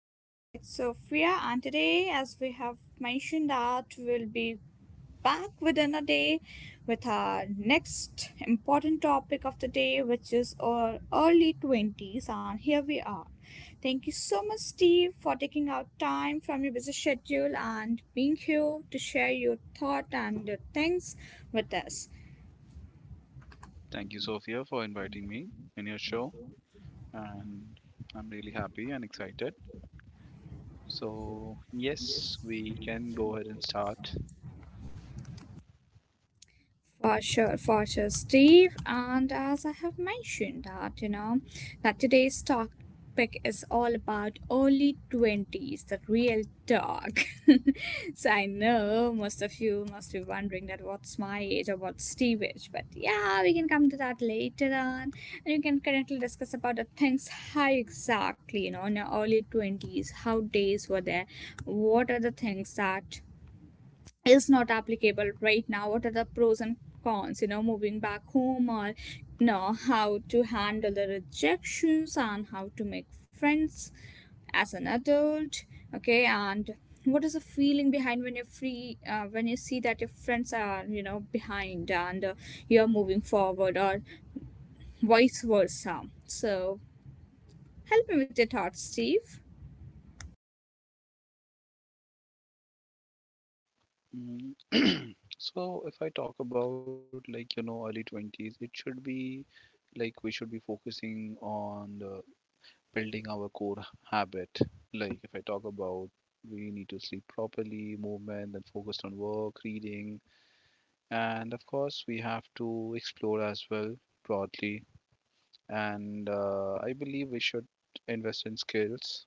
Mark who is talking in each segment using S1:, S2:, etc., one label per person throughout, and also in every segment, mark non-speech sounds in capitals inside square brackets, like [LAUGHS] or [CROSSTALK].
S1: this side Sophia, and today, as we have mentioned, that we'll be back within a day with our next important topic of the day, which is our early 20s. And here we are. Thank you so much, Steve, for taking out time from your busy schedule and being here to share your thought and your things with us.
S2: Thank you, Sophia, for inviting me in your show. And I'm really happy and excited. So, yes, we can go ahead and start.
S1: For sure, Steve. And as I have mentioned that, you know, that today's topic is all about early 20s, the real talk. [LAUGHS] So I know most of you must be wondering that what's my age or what's Steve age. But yeah, we can come to that later on. And we can currently discuss about the things how exactly, you know, in your early 20s, how days were there, what are the things that is not applicable right now, what are the pros and cons, you know, moving back home, or you know, how to handle the rejections and how to make friends as an adult. Okay, and what is the feeling behind when you're free, when you see that your friends are, you know, behind, and you're moving forward or vice versa. So help me with your thoughts, Steve.
S2: Mm, So, if I talk about like, you know, early 20s, it should be like we should be focusing on the building our core habit. Like, if I talk about we need to sleep properly, movement, then focused on work, reading, and of course, we have to explore as well broadly. And I believe we should invest in skills,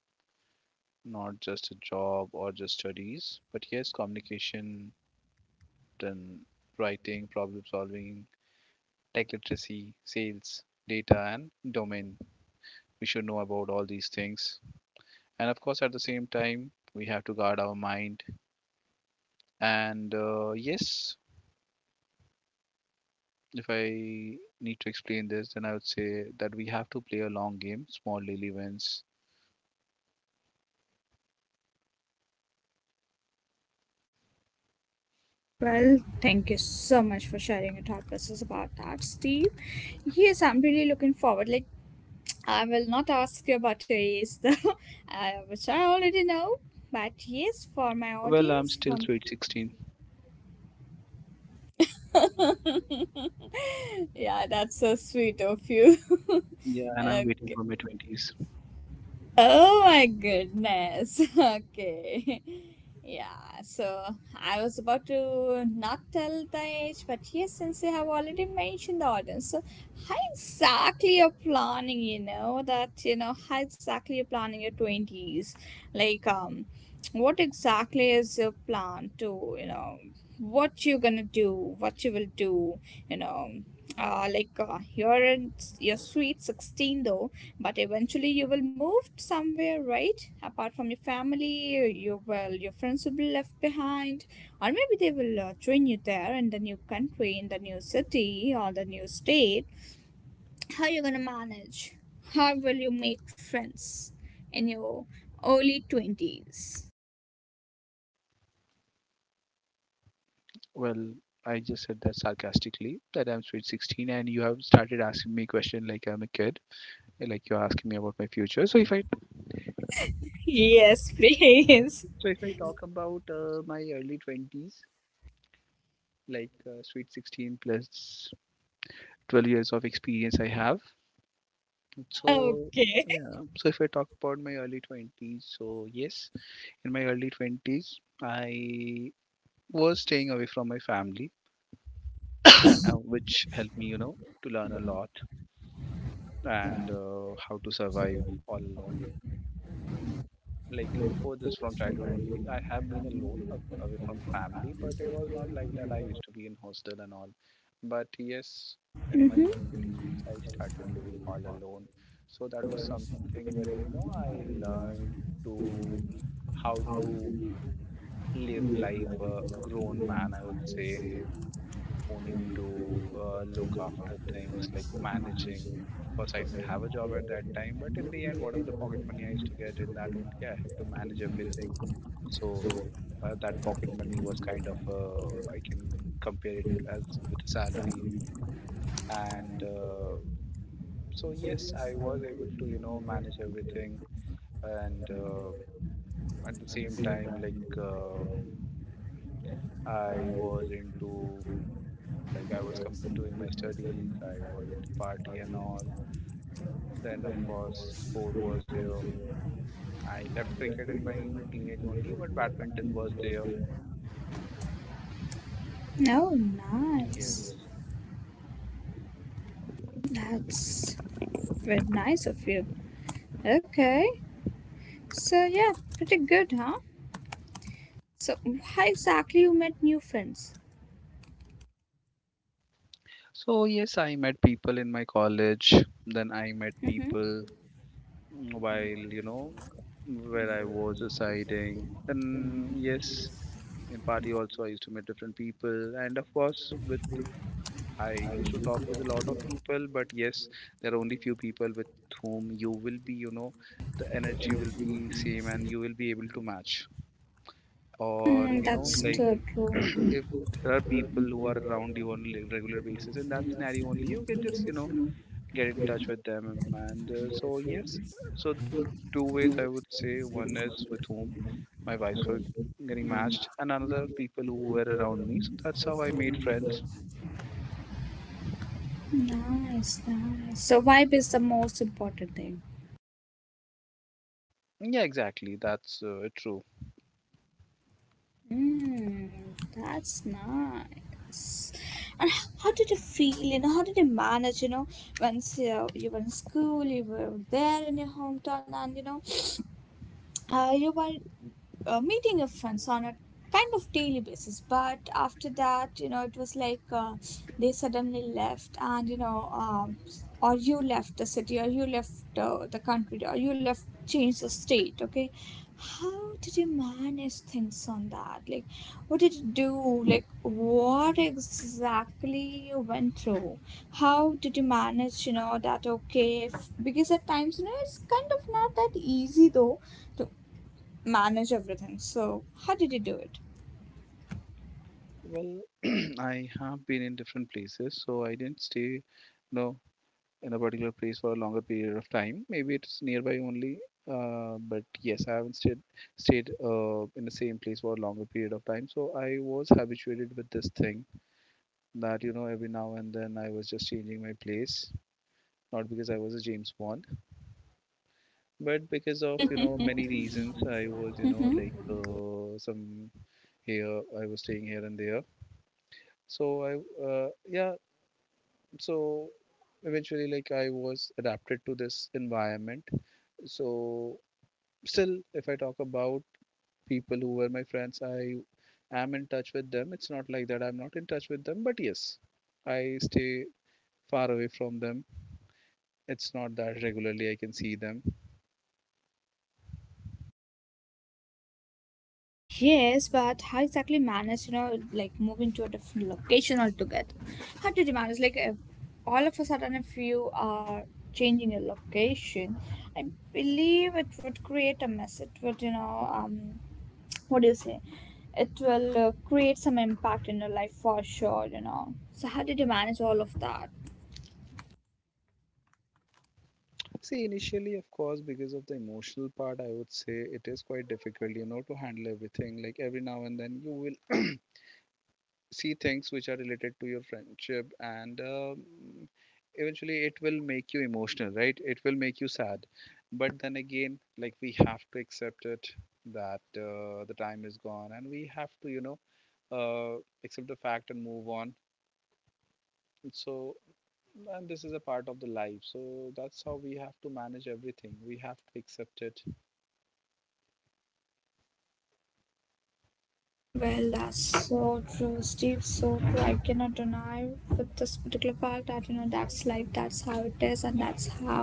S2: not just a job or just studies, but yes, communication, then writing, problem solving, tech literacy, sales, data, and domain. We should know about all these things. And of course, at the same time, we have to guard our mind. And yes, if I need to explain this, then I would say that we have to play a long game, small daily wins.
S1: Well, thank you so much for sharing your thought process about that, Steve. Yes, I'm really looking forward. Like, I will not ask you about your age, though, [LAUGHS] which I already know. But yes, for my
S2: Well, I'm
S1: audience,
S2: still
S1: for
S2: sweet 16.
S1: yeah, that's so sweet of you. [LAUGHS]
S2: Yeah, and I'm waiting for
S1: Okay.
S2: my 20s.
S1: Oh my goodness. [LAUGHS] Okay. Yeah, so I was about to not tell the age, but yes, since you have already mentioned the audience, so how exactly you're planning, you know, that, you know, how exactly you're planning your 20s? Like, what exactly is your plan to, you know, what you're gonna do, what you will do, you know? Like you're in your sweet 16 though, but eventually you will move somewhere, right? Apart from your family, you will, your friends will be left behind, or maybe they will join you there in the new country, in the new city, or the new state. How you gonna manage? How will you make friends in your early 20s?
S2: Well, I just said that sarcastically, that I'm sweet 16, and you have started asking me question like I'm a kid, like you're asking me about my future. So if I
S1: Yes, please.
S2: so if I talk about my early 20s, like sweet 16 plus 12 years of experience I have.
S1: [LAUGHS]
S2: So
S1: Okay.
S2: yeah, so if I talk about my early 20s, so yes, in my early 20s, I was staying away from my family, [CLEARS THROAT] which helped me, you know, to learn a lot and how to survive all alone. Mm, like before this, from childhood only, I have been alone away from family, but it was not like that. I used to be in hostel and all. But yes, in my
S1: Mm-hmm.
S2: 20s, I started living all alone. So that was something wherein, you know, I learned to how to live life a grown man, I would say, who need to look after things like managing. Of course, I didn't have a job at that time, but in the end, whatever the pocket money I used to get in that only, I have to manage everything. So that pocket money was kind of I can compare it as with a salary, and so yes, I was able to you know manage everything, and at the same time, like I was into, like I was doing my studies, I was into party and all. Then of course sport was there. I left cricket in my teenage only, but badminton was there.
S1: Oh
S2: Yes.
S1: nice. That's very nice of you. Okay. So yeah, pretty good, huh? So how exactly you met new friends?
S2: So yes, I met people in my college. Then I met
S1: Mm-hmm.
S2: people while you know where I was residing. And yes, in party also I used to meet different people, and of course with I used to talk with a lot of people, but yes, there are only few people with whom you will be, you know, the energy will be same and you will be able to match. Or,
S1: Mm,
S2: you know,
S1: that's
S2: like
S1: so true.
S2: [CLEARS THROAT] if there are people who are around you on a regular basis, in that scenario only, you can just, you know, get in touch with them. And so, yes, so two ways I would say: one is with whom my vibes were getting matched, and another people who were around me. So that's how I made friends.
S1: Nice, nice. So vibe is the most important thing.
S2: Yeah, exactly. That's true.
S1: Mm, that's nice. And how did you feel? You know, how did you manage? You know, once you were in school, you were there in your hometown, and you know. You were meeting your friends on a kind of daily basis, but after that, you know, it was like, they suddenly left, and you know, or you left the city, or you left the country, or you left, changed the state. Okay, how did you manage things on that? Like, what did you do? Like, what exactly you went through? How did you manage, you know, that okay, if, because at times, you know, it's kind of not that easy though to manage everything. So how did you do it?
S2: Well, [CLEARS THROAT] I have been in different places, so I didn't stay, you know, in a particular place for a longer period of time. Maybe it's nearby only, but yes, I haven't stayed in the same place for a longer period of time. So I was habituated with this thing that you know every now and then I was just changing my place, not because I was a James Bond, but because of you know many reasons. I was you know like some here I was staying here and there. So I yeah, so eventually like I was adapted to this environment. So still if I talk about people who were my friends, I am in touch with them. It's not like that I'm not in touch with them, but yes, I stay far away from them. It's not that regularly I can see them.
S1: Yes, but how exactly manage, you know, like moving to a different location altogether? How did you manage? Like, if all of a sudden, if you are changing your location, I believe it would create a mess. It would, you know, what do you say? It will create some impact in your life for sure, you know. So how did you manage all of that?
S2: See, initially of course because of the emotional part I would say it is quite difficult you know to handle everything. Like every now and then you will see things which are related to your friendship and eventually it will make you emotional, right? It will make you sad. But then again, like we have to accept it that the time is gone and we have to you know uh, accept the fact and move on. So, and this is a part of the life, so that's how we have to manage everything. We have to accept it.
S1: Well, that's so true, Steve. So true. I cannot deny with this particular fact that you know that's life. That's how it is, and that's how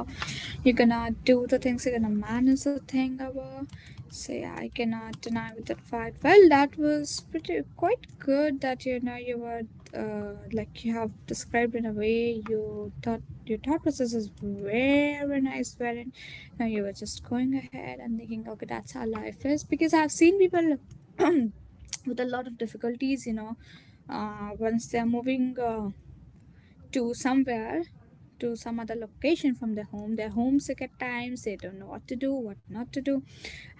S1: you're gonna do the things. You're gonna manage the thing over. So yeah, I cannot deny with that fact. Well, that was pretty quite good that you know you were like you have described, in a way, you thought, your thought process is very nice, wherein, you know, you were just going ahead and thinking, okay, that's how life is, because I've seen people [CLEARS THROAT] with a lot of difficulties, you know, once they're moving to somewhere, to some other location from their home, they're homesick. At times, they don't know what to do, what not to do,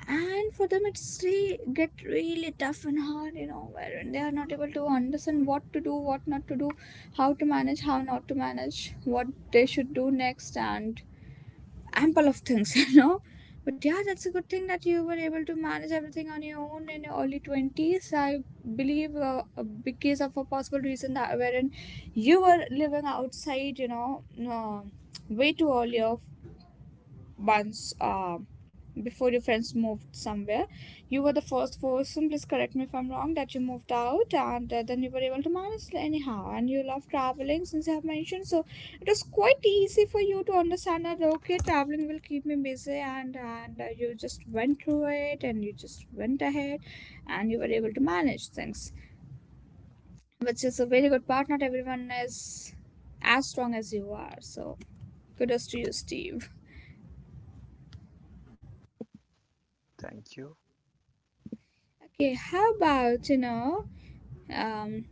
S1: and for them, it's really get really tough and hard, you know, wherein they are not able to understand what to do, what not to do, how to manage, how not to manage, what they should do next, and ample of things, [LAUGHS] you know. But yeah, that's a good thing that you were able to manage everything on your own in your early 20s. I believe because of a possible reason that wherein you were living outside, you know, uh, way too earlier, once before your friends moved somewhere. You were the first person, please correct me if I'm wrong, that you moved out, and then you were able to manage anyhow. And you love traveling, since you have mentioned. So it was quite easy for you to understand that, okay, traveling will keep me busy. And you just went through it, and you just went ahead, and you were able to manage things, which is a very good part. Not everyone is as strong as you are. So kudos to you, Steve.
S2: Thank you.
S1: Okay, how about, you know, um,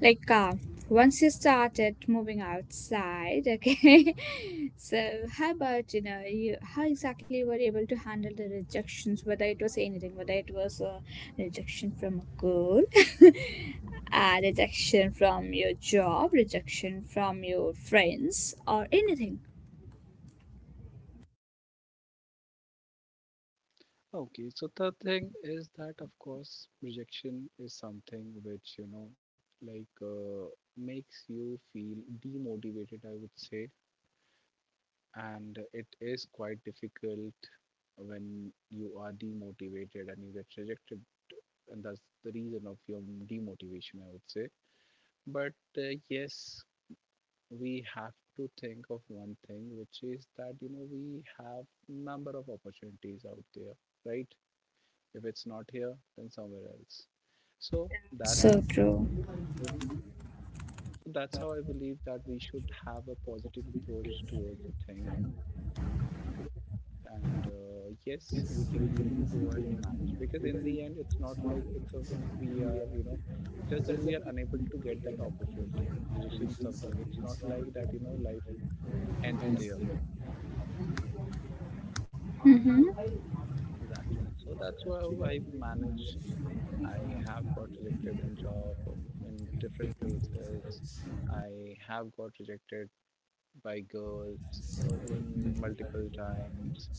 S1: like once you started moving outside, okay, [LAUGHS] so how about, you know, you, how exactly you were able to handle the rejections, whether it was anything, whether it was a rejection from a girl, [LAUGHS] a rejection from your job, rejection from your friends, or anything?
S2: Okay, so the thing is that, of course, rejection is something which, you know, like makes you feel demotivated, I would say. And it is quite difficult when you are demotivated and you get rejected. And that's the reason of your demotivation, I would say. But yes, we have to think of one thing, which is that, you know, we have number of opportunities out there, right? If it's not here, then somewhere else. So that's
S1: So true.
S2: mhm. So that's how I believe that we should have a positive approach towards the thing. And yes, we can easily go ahead and manage because in the end, it's not like it's a we are you know just that we are unable to get that opportunity. Rejection is something. It's not like that you know life ends there
S1: Mm-hmm.
S2: exactly. So that's how I manage. I have got rejected in job in different places. I have got rejected by girls multiple times.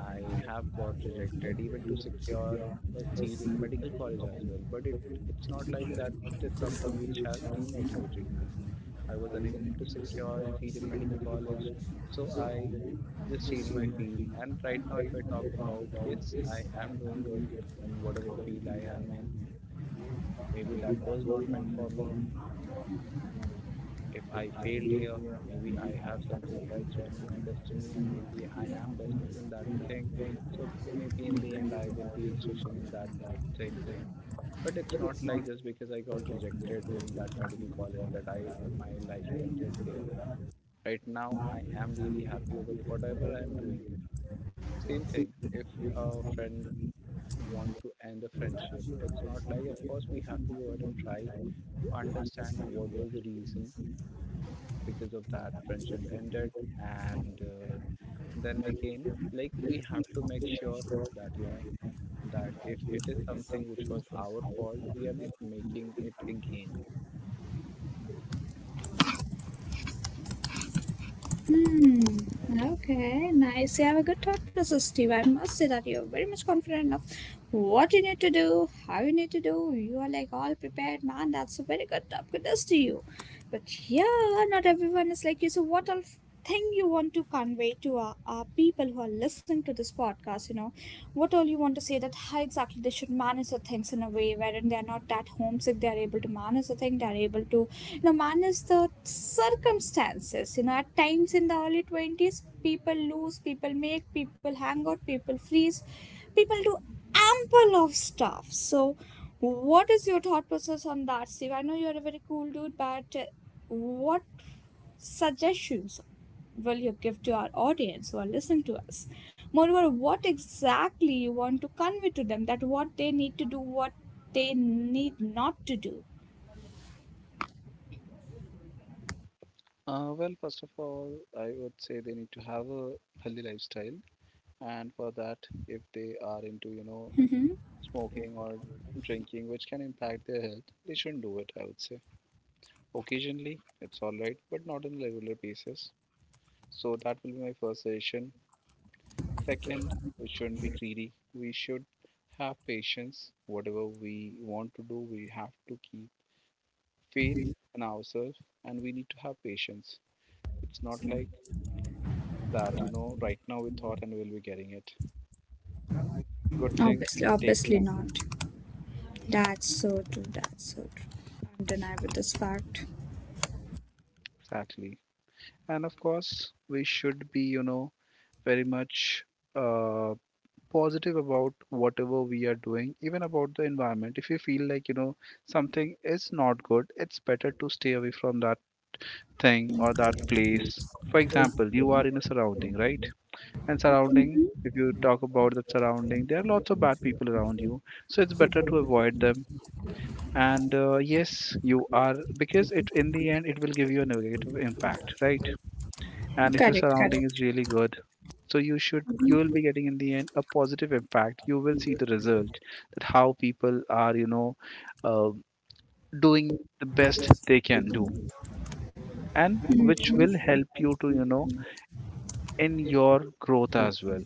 S2: I have got rejected even to secure a seat in a medical college as well. But it it's not like that is something which has demotivated me. I was unable to secure a seat in medical college, so I just changed my field. And right now, if I talk about, yes, I am doing good in whatever the field I am in. Maybe that was not meant for me. If I failed here, maybe I have something else written in my destiny, and maybe I am best in that thing. So maybe in the end, I will be switching in that thing. But it's not like just because I got rejected in that medical college that I my life ended there. Right now, I am really happy with whatever I am doing. Same thing. If a friend want to end a friendship, it's not like of course we have to go ahead and try to understand what was the reason because of that friendship ended, and then again like we have to make sure that you know that if it is something which was our fault, we are not making it again.
S1: Hmm. Okay, nice. You have a good thought process, Steve. I must say that you're very much confident of what you need to do, how you need to do. You are like all prepared, man. That's a very good top goodness to you. But yeah, not everyone is like you. So what else thing you want to convey to our people who are listening to this podcast? You know, what all you want to say that how exactly they should manage the things in a way wherein they are not that homesick. They are able to manage the thing. They are able to, you know, manage the circumstances. You know, at times in the early 20s, people lose, people make, people hang out, people freeze, people do ample of stuff. So what is your thought process on that, Steve? I know you're a very cool dude, but what suggestions will you give to our audience who are listening to us? Moreover, what exactly you want to convey to them that what they need to do, what they need not to do?
S2: Well, first of all, I would say they need to have a healthy lifestyle, and for that if they are into you know smoking or drinking which can impact their health, they shouldn't do it. I would say occasionally it's all right, but not on a regular basis. So that will be my first suggestion. Second, we shouldn't be greedy. We should have patience. Whatever we want to do, we have to keep faith in ourselves and we need to have patience. It's not like that, you know, right now we thought and we'll be getting it. Good things
S1: Obviously,
S2: take
S1: obviously
S2: time.
S1: not. That's so true. That's so true. Can't deny with this fact.
S2: Exactly. And of course, we should be, you know, very much uh, positive about whatever we are doing, even about the environment. If you feel like, you know, something is not good, it's better to stay away from that thing or that place. For example, you are in a surrounding, right? And surrounding,
S1: Mhm.
S2: if you talk about that surrounding, there are lots of bad people around you. So it's better to avoid them. And yes, you are because it in the end it will give you a negative impact, right? And if your
S1: Correct.
S2: surrounding is really good, so you should you will be getting in the end a positive impact. You will see the result that how people are, uh, doing the best they can do, and which will help you to in your growth as well.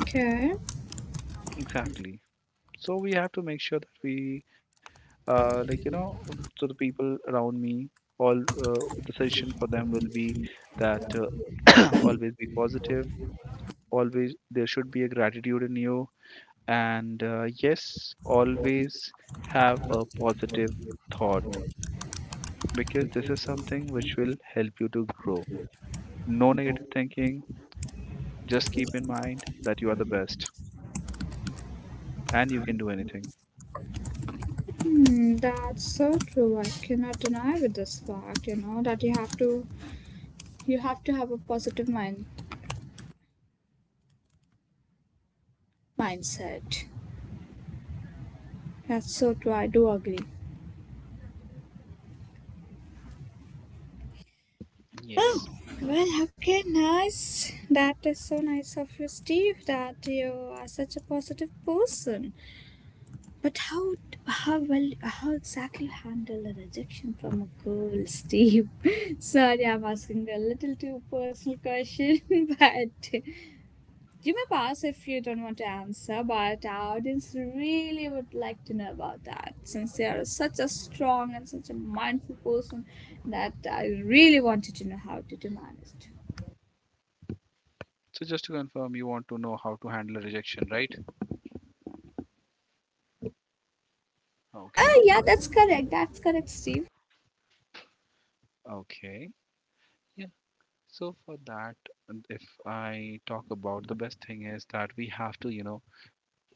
S1: Okay.
S2: Exactly. So we have to make sure that we like so the people around me, all, the suggestion for them will be that [COUGHS] [CLEARS THROAT] always be positive. Always there should be a gratitude in you. And yes, always have a positive thought, because this is something which will help you to grow. No negative thinking. Just keep in mind that you are the best and you can do anything.
S1: Hmm, that's so true. I cannot deny with this fact, you know, that you have to, you have to have a positive mindset. That's so true. I do agree.
S2: Yes.
S1: Oh, well, okay, nice. That is so nice of you, Steve, that you are such a positive person. But how how exactly handle a rejection from a girl, Steve? [LAUGHS] Sorry, I'm asking a little too personal question, [LAUGHS] but you may pass if you don't want to answer, but our audience really would like to know about that, since they are such a strong and such a mindful person, that I really wanted to know how to demand it.
S2: So just to confirm, you want to know how to handle a rejection, right?
S1: Ah,
S2: Okay.
S1: yeah, that's correct. That's correct, Steve.
S2: Okay. Yeah. So for that, and if I talk about, the best thing is that we have to,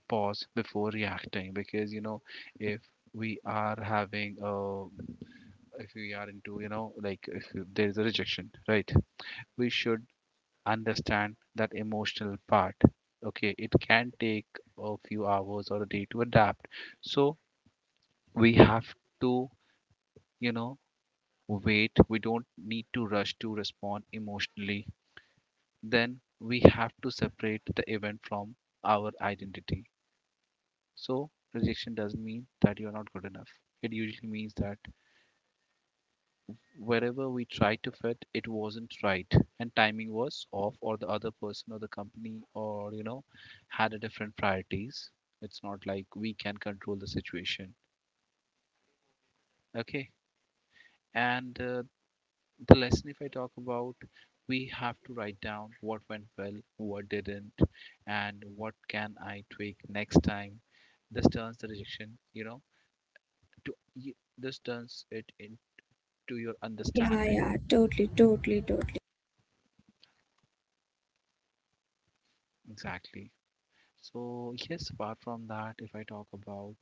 S2: pause before reacting, because, if we are having uh if we are into, like, if there is a rejection, right? We should understand that emotional part. Okay, it can take a few hours or a day to adapt. So we have to, you know, wait. We don't need to rush to respond emotionally. Then we have to separate the event from our identity. So rejection doesn't mean that you are not good enough. It usually means that wherever we tried to fit, it wasn't right, and timing was off, or the other person or the company or had a different priorities. It's not like we can control the situation. Okay. And the lesson, if I talk about, we have to write down what went well, what didn't, and what can I tweak next time. This turns the rejection, this turns it into your
S1: Yeah,
S2: understanding.
S1: yeah, totally, totally, totally.
S2: Exactly. So yes, apart from that, if I talk about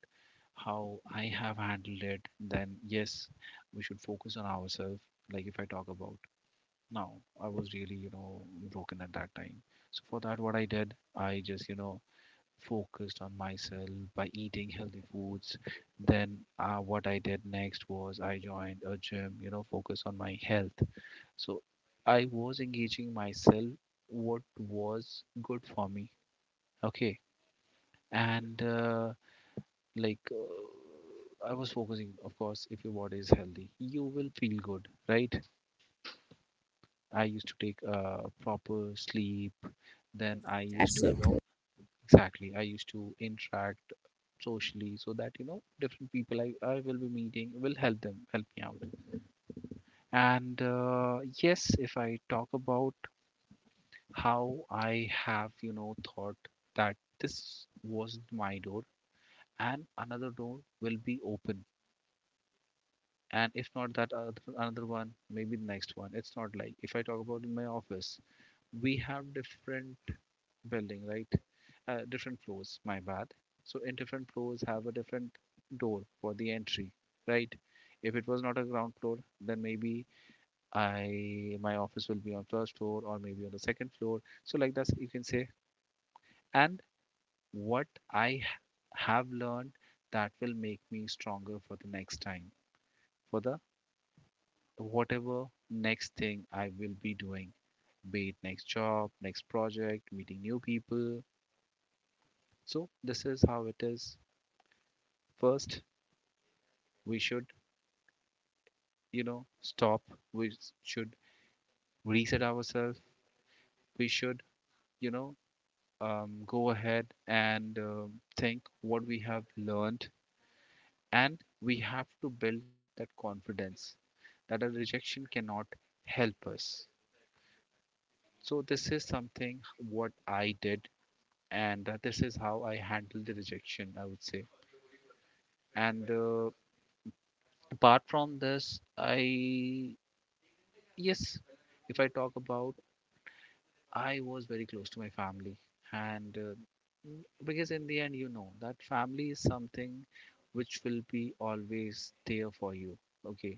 S2: how I have handled it, then yes, we should focus on ourselves. Like if I talk about, now I was really, broken at that time. So for that, what I did, I just, focused on myself by eating healthy foods. Then what I did next was I joined a gym, focus on my health. So I was engaging myself what was good for me. Okay. And like I was focusing, of course, if your body is healthy, you will feel good, right? I used to take proper sleep. Then I used
S1: That's
S2: to,
S1: so,
S2: exactly. I used to interact socially so that different people, I will be meeting, will help them, help me out. And yes, if I talk about how I have, thought that this was my door and another door will be open. And if not that another one, maybe the next one. It's not like, if I talk about, in my office, we have different building, right, different floors, my bad. So in different floors have a different door for the entry, right? If it was not a ground floor, then maybe I my office will be on first floor or maybe on the second floor, so like that you can say. And what I have learned, that will make me stronger for the next time, for the whatever next thing I will be doing, be it next job, next project, meeting new people. So this is how it is. First, we should, stop. We should reset ourselves. We should, you know, go ahead and think what we have learned, and we have to build that confidence that a rejection cannot help us. So this is something what I did, and this is how I handle the rejection, I would say. And apart from this, I yes, if I talk about, I was very close to my family, and because in the end, you know that family is something which will be always there for you. Okay,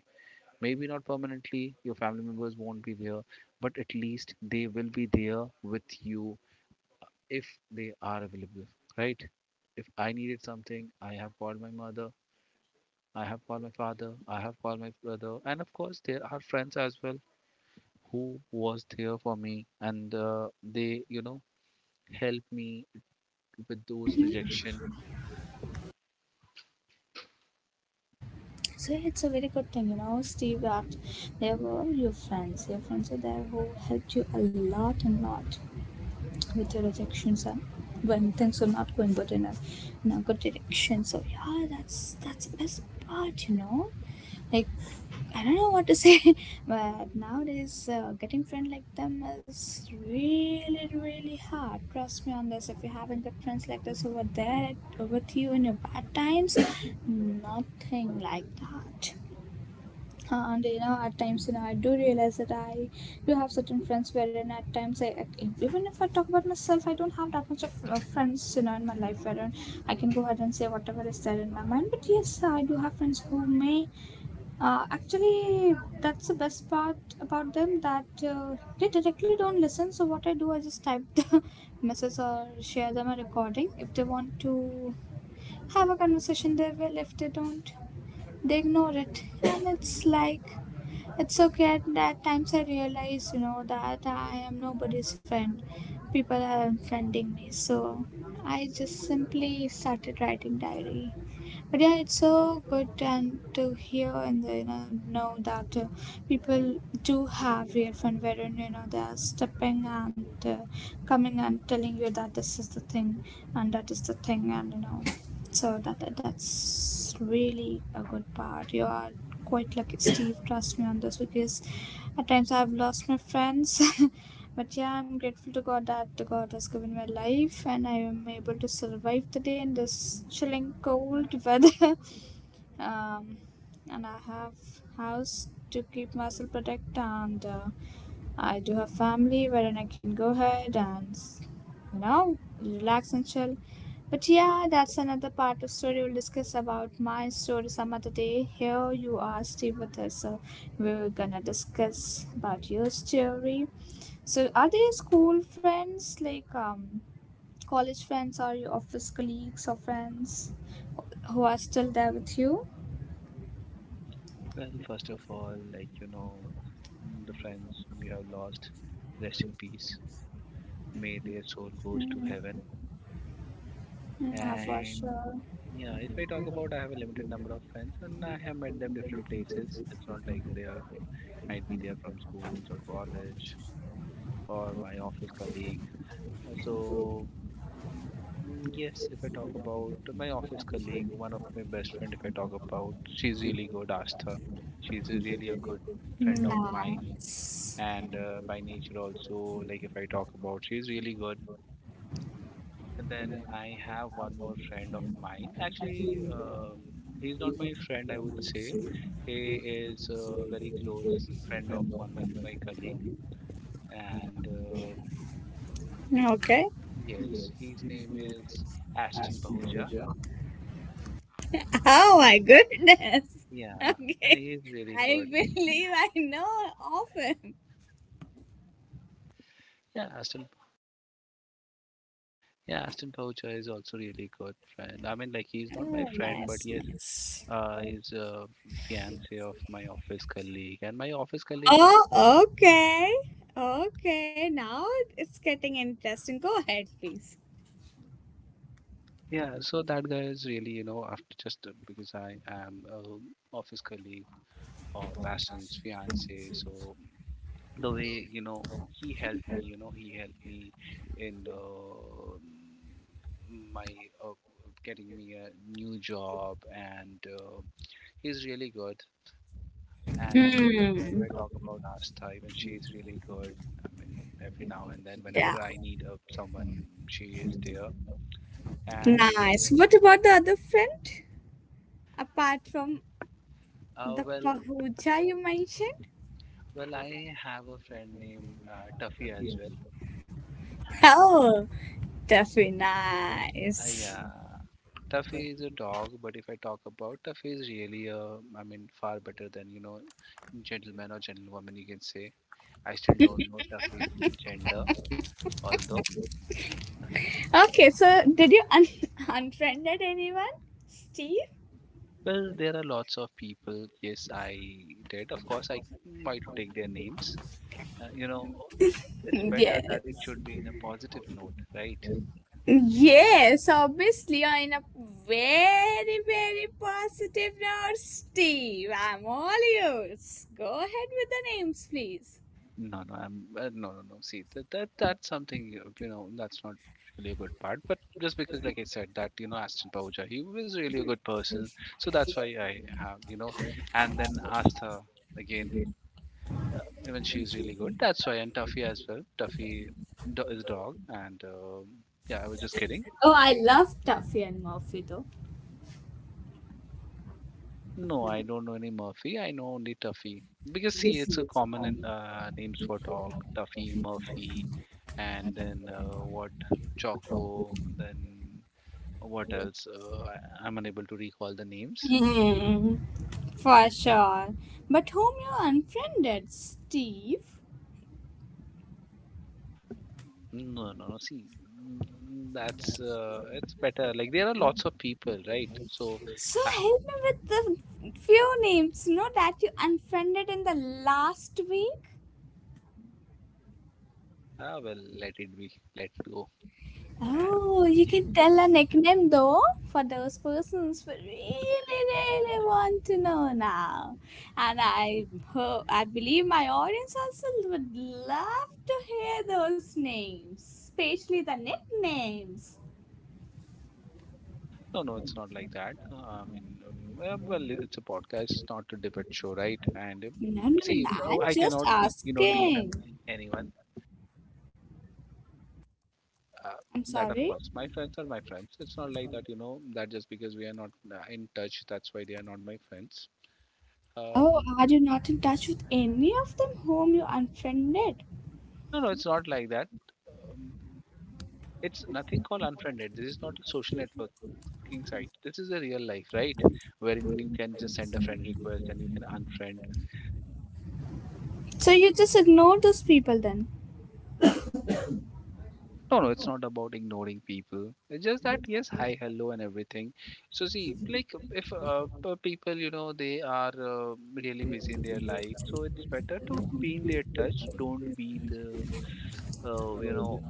S2: maybe not permanently, your family members won't be there, but at least they will be there with you if they are available, right? If I needed something, I have called my mother, I have called my father, I have called my brother, and of course there are friends as well who was there for me, and they, help me with those rejection.
S1: so it's a very good thing, you know, Steve, that there were your friends. Your friends are there who helped you a lot and lot with your rejections and when things were not going good enough in a good direction. So yeah, that's the best part, you know. Like, I don't know what to say, [LAUGHS] but nowadays getting friends like them is really really hard. Trust me on this, if you haven't got friends like this over there with you in your bad times, [COUGHS] nothing like that. And you know, at times, you know, I do realize that I do have certain friends, wherein at times I, even if I talk about myself, I don't have that much of friends, you know, in my life, wherein I can go ahead and say whatever is there in my mind. But yes, I do have friends who may actually, that's the best part about them, that they directly don't listen. So what I do, I just type the [LAUGHS] message or share them a recording. If they want to have a conversation, they will. If they don't, they ignore it and it's like it's okay. At that times I realize, that I am nobody's friend. People are unfriending me, so I just simply started writing diary. But yeah, it's so good and to hear and know that people do have real fun wherein they are stepping and coming and telling you that this is the thing and that is the thing, and you know so that's really a good part. You are quite lucky, Steve. Trust me on this, because at times I've lost my friends. [LAUGHS] But yeah, I'm grateful to God that God has given my life and I am able to survive the day in this chilling cold weather. [LAUGHS] um, and I have house to keep myself protected, and I do have family wherein I can go ahead and relax and chill. But yeah, that's another part of story. We'll discuss about my story some other day. Here you are still with us, so we're gonna discuss about your story. So are they school friends, like college friends, or your office colleagues or friends who are still there with you?
S2: Well, first of all, the friends whom you have lost, rest in peace. May their soul goes to heaven.
S1: Yeah, for
S2: And
S1: sure.
S2: yeah, if I talk about, I have a limited number of friends, and I have met them different places. It's not like they are might be there from schools or college or my office colleague. So yes, if I talk about my office colleague, one of my best friend, if I talk about, she's really good, Astha. She's a really a good friend of mine,
S1: Nice.
S2: and by nature also, like if I talk about, she's really good. And then I have one more friend of mine. Actually, he's not my friend, I would say. He is a very close friend of one of my colleague, and yes, his name is Ashton Pahuja.
S1: My goodness. [LAUGHS]
S2: Yeah,
S1: Okay.
S2: he's really
S1: I
S2: good.
S1: believe I know of him.
S2: Yeah, Aston. Yeah, Aston Poucher is also really good friend. I mean, like he's not my
S1: Oh,
S2: friend, but
S1: nice.
S2: yes, he's a fiance of my office colleague, and my office colleague.
S1: Oh, okay. Okay, now it's getting interesting. Go ahead, please.
S2: Yeah, so that guy is really, after just because I am a office colleague of Aston's fiance, so the way he helped me, he helped me in the, my uh, getting me a new job and. He's really good. And if I talk
S1: Hmm.
S2: about Astha, even she is really good. I mean, every now and then, whenever
S1: Yeah,
S2: I need someone, she is there. And
S1: nice. What about the other friend? Apart from the
S2: well,
S1: Pahuja you mentioned?
S2: I have a friend named Tuffy as well. And
S1: Oh, that's very nice.
S2: yeah, Tuffy is a dog. But if I talk about Tuffy, is really a, I mean, far better than gentleman or gentlewoman you can say. I still don't know Tuffy's gender, although
S1: Okay, so did you [LAUGHS] unfriended anyone, Steve?
S2: well, there are lots of people. Yes, I did. Of course, I why to take their names. Uh, you know, it's better that it
S1: Yes.
S2: should be in a positive note, right?
S1: Yes, obviously, on a very, very positive note, Steve. I'm all yours. Go ahead with the names, please.
S2: No, no, I'm no, no, no. See, that's something you know that's not really a good part. But just because, like I said, that Aston Pauja, he was really a good person, so that's why I have, and then Asta again, even she is really good. That's why, and Tuffy as well. Tuffy is a dog, and yeah, I was just kidding.
S1: Oh, I love Tuffy and Murphy, though. [LAUGHS]
S2: No, I don't know any Murphy. I know only Tuffy. Because see, it's a common in, names for dog: Tuffy, Murphy, and then what Choco. Then what else? I'm unable to recall the names.
S1: Hmm, for sure. But whom you unfriended, Steve?
S2: No, no, no. See, that's it's better. Like there are lots of people, right? So,
S1: So
S2: I,
S1: help me with the few names, you know, that you unfriended in the last week?
S2: I will let it be. Let it go.
S1: Oh, you can tell a nickname though for those persons who really, really want to know now. And I hope, I believe my audience also would love to hear those names, especially the nicknames.
S2: No, no, it's not like that. I mean, well, it's a podcast, it's not a debate show, right? And
S1: No, no, no,
S2: see,
S1: no,
S2: well,
S1: I'm
S2: I
S1: just
S2: cannot,
S1: asking.
S2: defame anyone. Uh,
S1: I'm
S2: that, of
S1: sorry.
S2: course, my friends are my friends. It's not like that, that just because we are not in touch, that's why they are not my friends.
S1: Oh,
S2: Um,
S1: are you not in touch with any of them whom you unfriended?
S2: no, no, it's not like that. Um, it's nothing called unfriended. This is not a social networking site. This is a real life, right? Wherein you can just send a friend request and you can unfriend.
S1: So you just ignore those people then?
S2: No, no, it's not about ignoring people. It's just that yes, hi, hello, and everything. So see, like if people, they are really busy in their life, so it's better to be in their touch. Don't be the, uh, you know,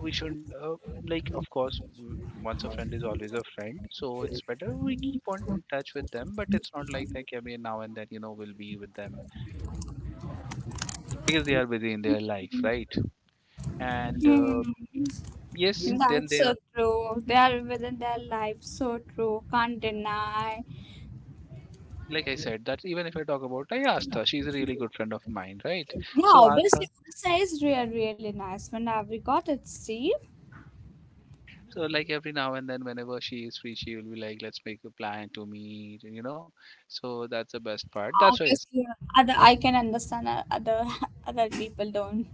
S2: we shouldn't like. Of course, once a friend is always a friend, so it's better we keep on in touch with them. But it's not like that every now and then, we'll be with them because they are busy in their life, right? And
S1: Hmm.
S2: yes,
S1: Yes.
S2: then
S1: That's
S2: there,
S1: so true. They are within their life, so true. Can't deny.
S2: like I said, that even if I talk about, I asked her. She's a really good friend of mine, right?
S1: Yeah,
S2: So asked
S1: obviously,
S2: her.
S1: Odisha is really, really nice. When have we got it, Steve?
S2: So like every now and then, whenever she is free, she will be like, "Let's make a plan to meet." So that's the best part. That's why it's
S1: Obviously, other I can understand, other [LAUGHS] other people don't.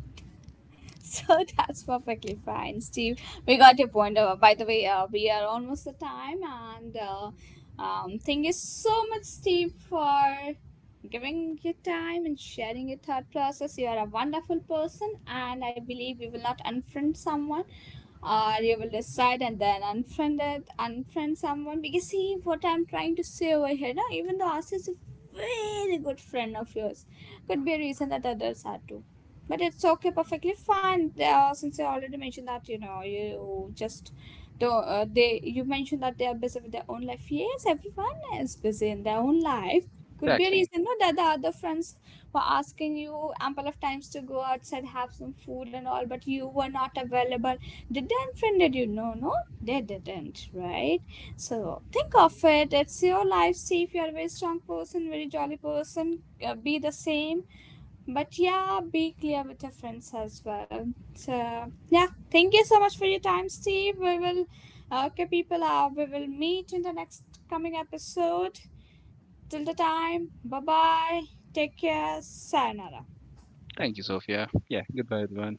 S1: So [LAUGHS] that's perfectly fine, Steve. We got your point. By the way, we are almost the time, and thank you so much, Steve, for giving your time and sharing your thought process. You are a wonderful person, and I believe you will not unfriend someone, or you will decide and then unfriend it, unfriend someone. Because see, what I'm trying to say over here, now, even though Asa is a very good friend of yours, could be a reason that others are too, but it's okay, perfectly fine. Since I already mentioned that, you know, you just do, they, you mentioned that they are busy with their own life. Yes, everyone is busy in their own life. Could be a
S2: exactly.
S1: reason, no, that the other friends were asking you ample of times to go outside, have some food and all, but you were not available. Did they unfriended you? No, no, they didn't, right? So think of it, it's your life. See, if you're a very strong person, very jolly person, be the same. But yeah, be clear with your friends as well. So yeah, thank you so much for your time, Steve. We will, okay, people. We will meet in the next coming episode. Till the time, bye bye. Take care. Sayonara.
S2: Thank you, Sophia. Yeah. Goodbye, everyone.